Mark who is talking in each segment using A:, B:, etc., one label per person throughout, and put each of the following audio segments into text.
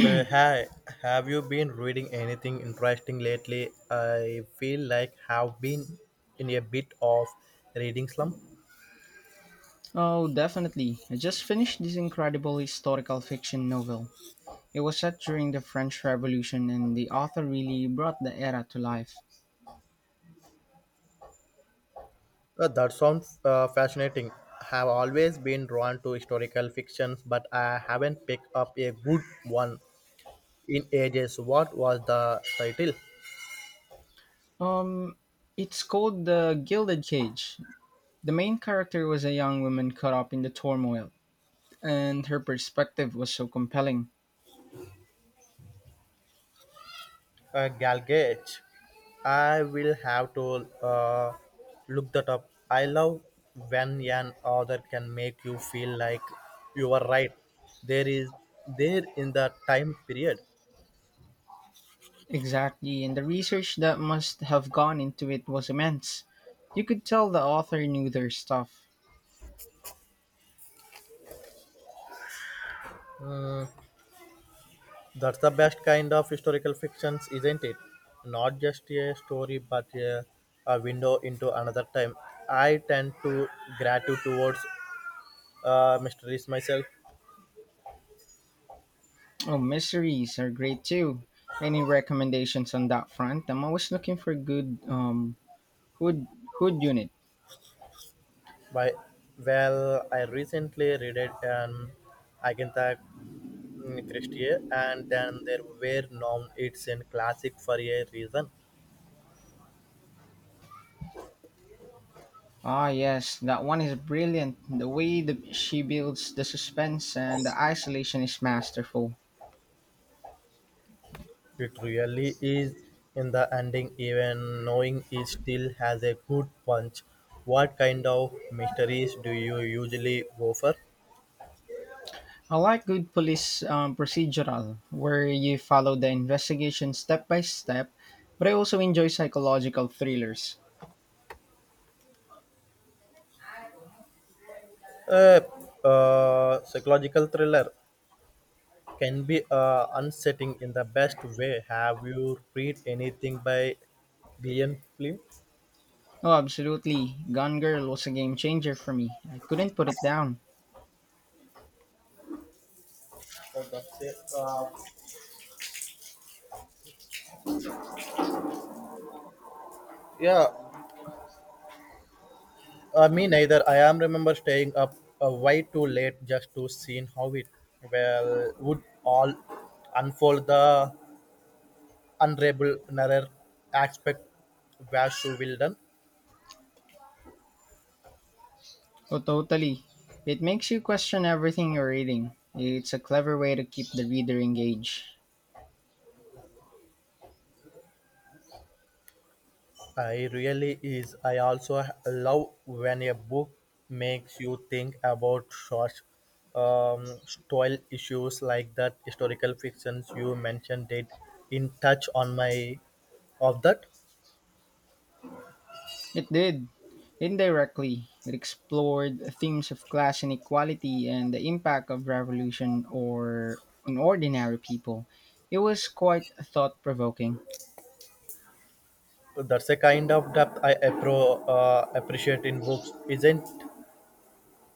A: So, hi, have you been reading anything interesting lately? I feel like have been in a bit of reading slump.
B: Oh, definitely. I just finished this incredible historical fiction novel. It was set during the French Revolution and the author really brought the era to life.
A: That sounds fascinating. Have always been drawn to historical fictions, but I haven't picked up a good one in ages. What was the title?
B: Um it's called The Gilded Cage. The main character was a young woman caught up in the turmoil, and her perspective was so compelling.
A: Galgate. I will have to look that up. I love when an author can make you feel like you are right. There is there in the time period.
B: Exactly, and the research that must have gone into it was immense. You could tell the author knew their stuff.
A: That's the best kind of historical fictions, isn't it? Not just a story, but a window into another time. I tend to gravitate towards mysteries myself.
B: Oh, mysteries are great too. Any recommendations on that front? I'm always looking for good hood hood unit.
A: By well, I recently read it an Agatha Christie, and then there were norm. It's in classic for a reason.
B: Ah yes, that one is brilliant. The way the, she builds the suspense and the isolation is masterful.
A: It really is in the ending, even knowing it still has a good punch. What kind of mysteries do you usually go for?
B: I like good police procedural where you follow the investigation step by step, but I also enjoy psychological thrillers.
A: Uh, Psychological thriller can be unsettling in the best way. Have you read anything by Gillian Flynn?
B: Oh, absolutely. Gone Girl was a game changer for me. I couldn't put it down.
A: That's it. Yeah, me neither. I am remember staying up way too late just to see how it well would all unfold. The unravel narrow aspect where she will done.
B: Oh, totally. It makes you question everything you're reading. It's a clever way to keep the reader engaged.
A: I really is. I also love when a book makes you think about such style issues like that historical fictions you mentioned did in touch on my of that.
B: It did, indirectly. It explored themes of class inequality and the impact of revolution or on ordinary people. It was quite thought provoking.
A: That's a kind of depth I appreciate in books. Isn't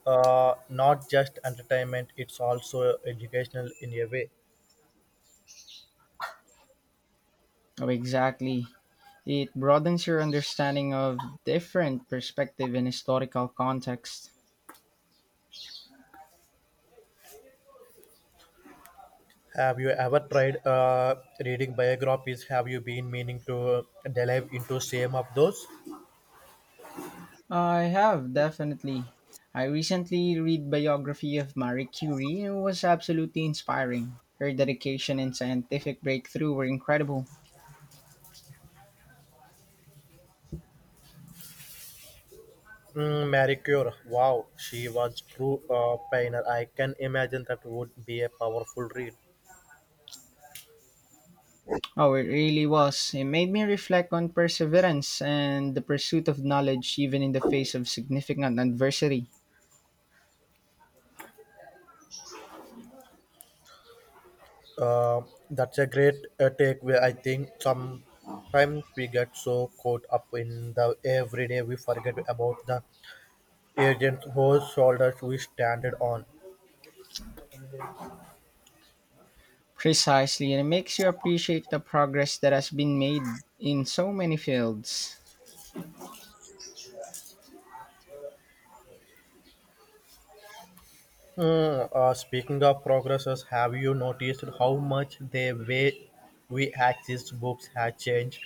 A: not just entertainment; it's also educational in a way.
B: Oh, exactly. It broadens your understanding of different perspective and historical context.
A: Have you ever tried reading biographies? Have you been meaning to delve into some of those?
B: I have definitely. I recently read biography of Marie Curie and it was absolutely inspiring. Her dedication and scientific breakthrough were incredible.
A: Marie Curie. Wow, she was true pioneer. I can imagine that would be a powerful read.
B: Oh, it really was. It made me reflect on perseverance and the pursuit of knowledge even in the face of significant adversity.
A: Uh, that's a great takeaway. I think sometimes we get so caught up in the everyday we forget about the agent whose shoulders we stand on.
B: Precisely, and it makes you appreciate the progress that has been made in so many fields.
A: Speaking of progresses, have you noticed how much the way we access books has changed?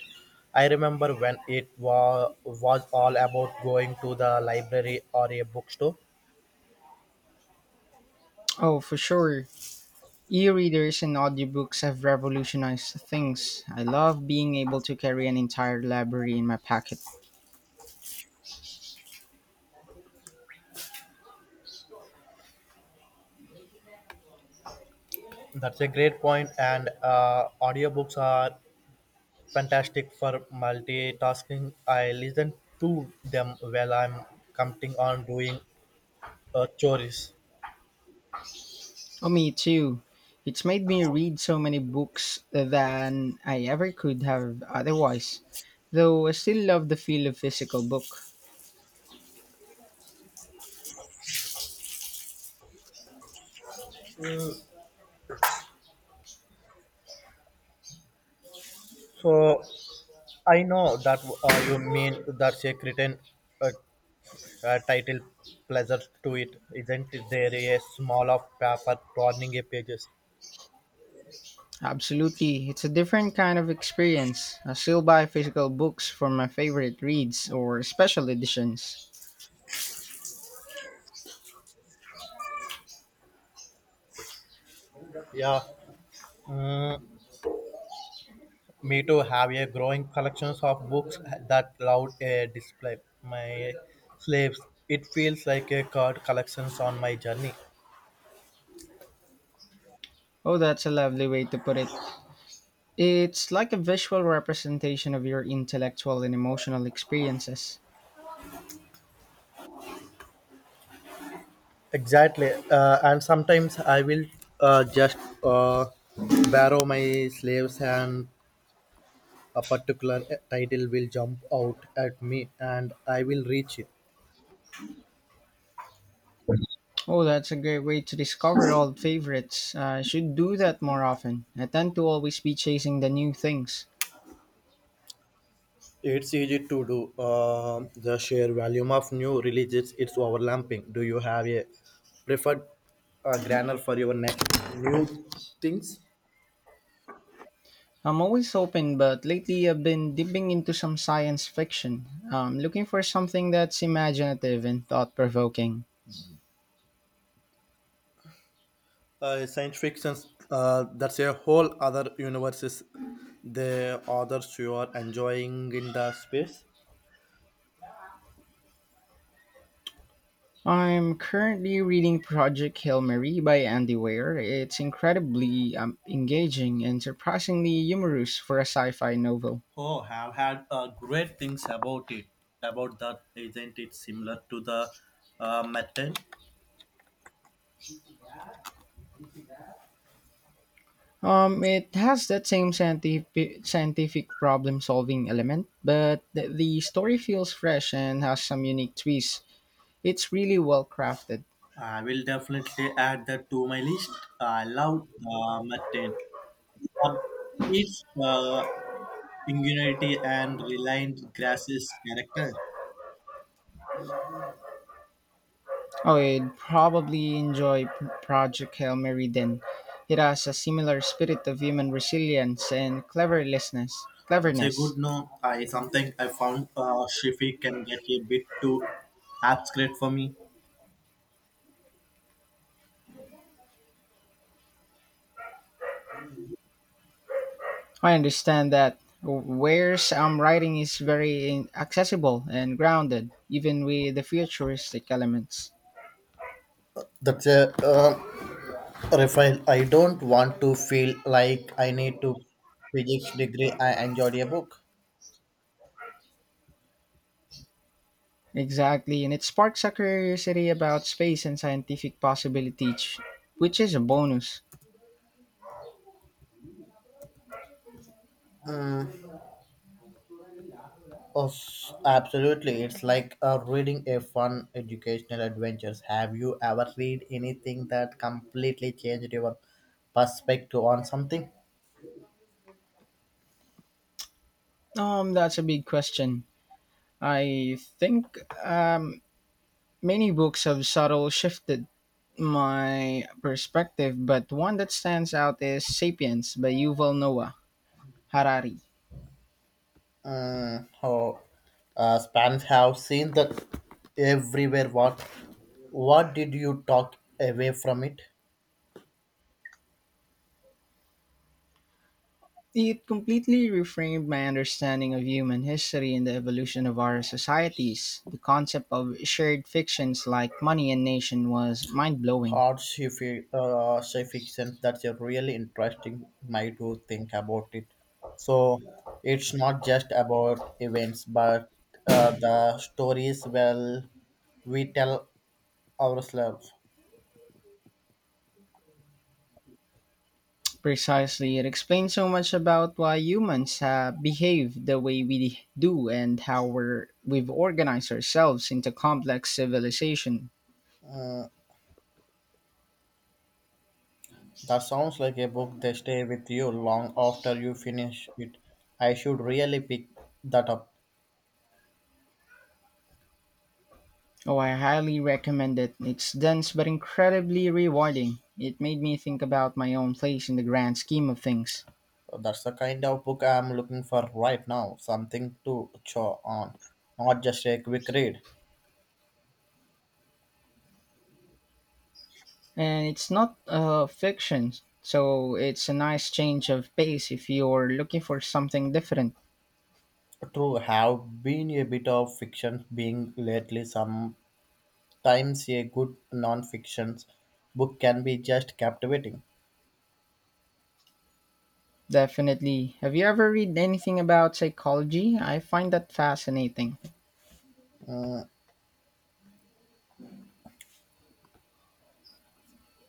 A: I remember when it was all about going to the library or a bookstore.
B: Oh, for sure. E-readers and audiobooks have revolutionized things. I love being able to carry an entire library in my pocket.
A: That's a great point, and audiobooks are fantastic for multitasking. I listen to them while I'm counting on doing chores.
B: Oh, me too. It's made me read so many books than I ever could have otherwise. Though I still love the feel of physical book.
A: So I know that you mean that's a certain uh, title pleasure to it, isn't there? A small of paper turning a pages.
B: Absolutely, it's a different kind of experience. I still buy physical books for my favorite reads or special editions.
A: Yeah. Mm, me too have a growing collections of books that loud a display. My slaves. It feels like a card collections on my journey.
B: Oh, that's a lovely way to put it. It's like a visual representation of your intellectual and emotional experiences.
A: Exactly, and sometimes I will just borrow my slaves, and a particular title will jump out at me, and I will reach it.
B: Oh, that's a great way to discover old favorites. I should do that more often. I tend to always be chasing the new things.
A: It's easy to do. The sheer volume of new releases it's overlapping. Do you have a preferred grammar for your next new things?
B: I'm always open, but lately I've been dipping into some science fiction. I'm looking for something that's imaginative and thought provoking.
A: Science fiction. That's a whole other universe. Is The authors you are enjoying in the space.
B: I'm currently reading Project Hail Mary by Andy Weir. It's incredibly engaging and surprisingly humorous for a sci fi novel.
A: Oh, have had great things about it. About that, isn't it similar to the mutton?
B: It has that same scientific problem solving element, but the story feels fresh and has some unique twists. It's really well crafted.
A: I will definitely add that to my list. I love mutton. But its ingenuity and reliant grasses character.
B: Oh, you would probably enjoy Project Hail Mary then. It has a similar spirit of human resilience and cleverness.
A: That's a good
B: Cleverness.
A: no. I something I found Shifi can get a bit too abstract for me.
B: I understand that where's writing is very accessible and grounded, even with the futuristic elements.
A: That's a Rafael, I don't want to feel like I need to physics degree. I enjoyed a book.
B: Exactly, and it sparks a curiosity about space and scientific possibilities, which is a bonus.
A: Absolutely. It's like reading a fun educational adventures. Have you ever read anything that completely changed your perspective on something?
B: That's a big question. I think um, many books have subtle shifted my perspective, but one that stands out is *Sapiens* by Yuval Noah Harari.
A: Mm, oh, Spanish have seen that everywhere. What did you talk away from it?
B: It completely reframed my understanding of human history and the evolution of our societies. The concept of shared fictions like money and nation was mind blowing.
A: Hard sci sci fiction. That's a really interesting way to think about it. So it's not just about events, but the stories well we tell ourselves.
B: Precisely, it explains so much about why humans behave the way we do and how we've organized ourselves into complex civilization.
A: That sounds like a book they stay with you long after you finish it. I should really pick that up.
B: Oh, I highly recommend it. It's dense but incredibly rewarding. It made me think about my own place in the grand scheme of things.
A: That's the kind of book I'm looking for right now. Something to chew on, not just a quick read.
B: And it's not fiction, so it's a nice change of pace if you're looking for something different.
A: True, have been a bit of fiction being lately. Sometimes a good non-fiction book can be just captivating.
B: Definitely. Have you ever read anything about psychology? I find that fascinating.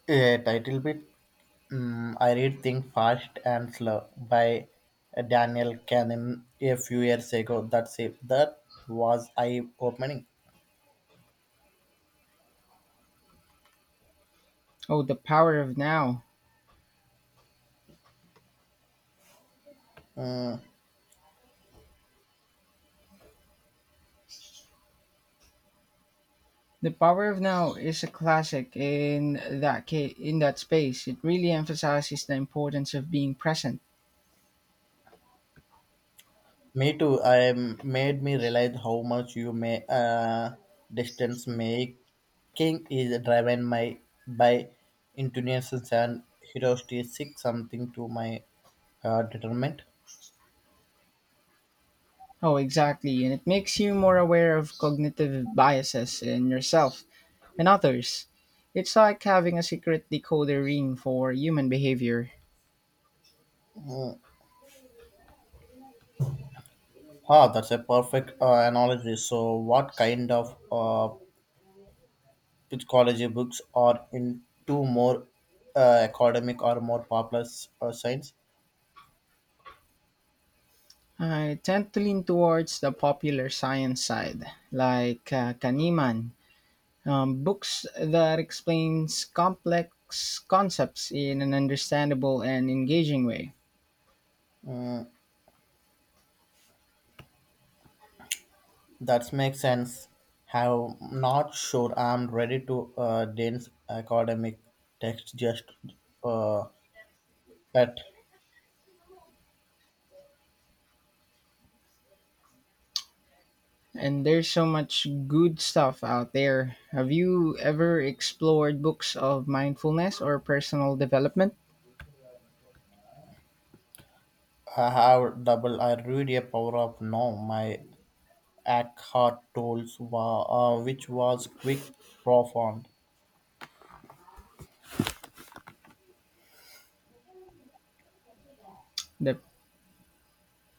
A: A title bit. I read Think Fast and Slow by Daniel Kahneman a few years ago. That's it. That was eye-opening.
B: Oh, The Power of Now. The Power of Now is a classic in that in that space. It really emphasizes the importance of being present.
A: Me too. I made me realize how much you may distance making is driven my by intonations and heuristic something to my determinant.
B: Oh, exactly, and it makes you more aware of cognitive biases in yourself and others. It's like having a secret decoder ring for human behavior.
A: Ah, that's a perfect analogy. So, what kind of psychology books are into more academic or more popular science?
B: I tend to lean towards the popular science side, like Kahneman. Books that explains complex concepts in an understandable and engaging way.
A: That makes sense. Have not sure I'm ready to dense academic text just uh, that
B: And there's so much good stuff out there. Have you ever explored books of mindfulness or personal development?
A: I have double. I read a power of now. My Eckhart tools which was quick, profound.
B: The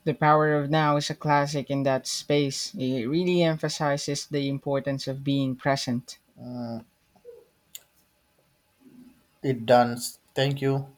B: The Power of Now is a classic in that space. It really emphasizes the importance of being present.
A: It does. Thank you.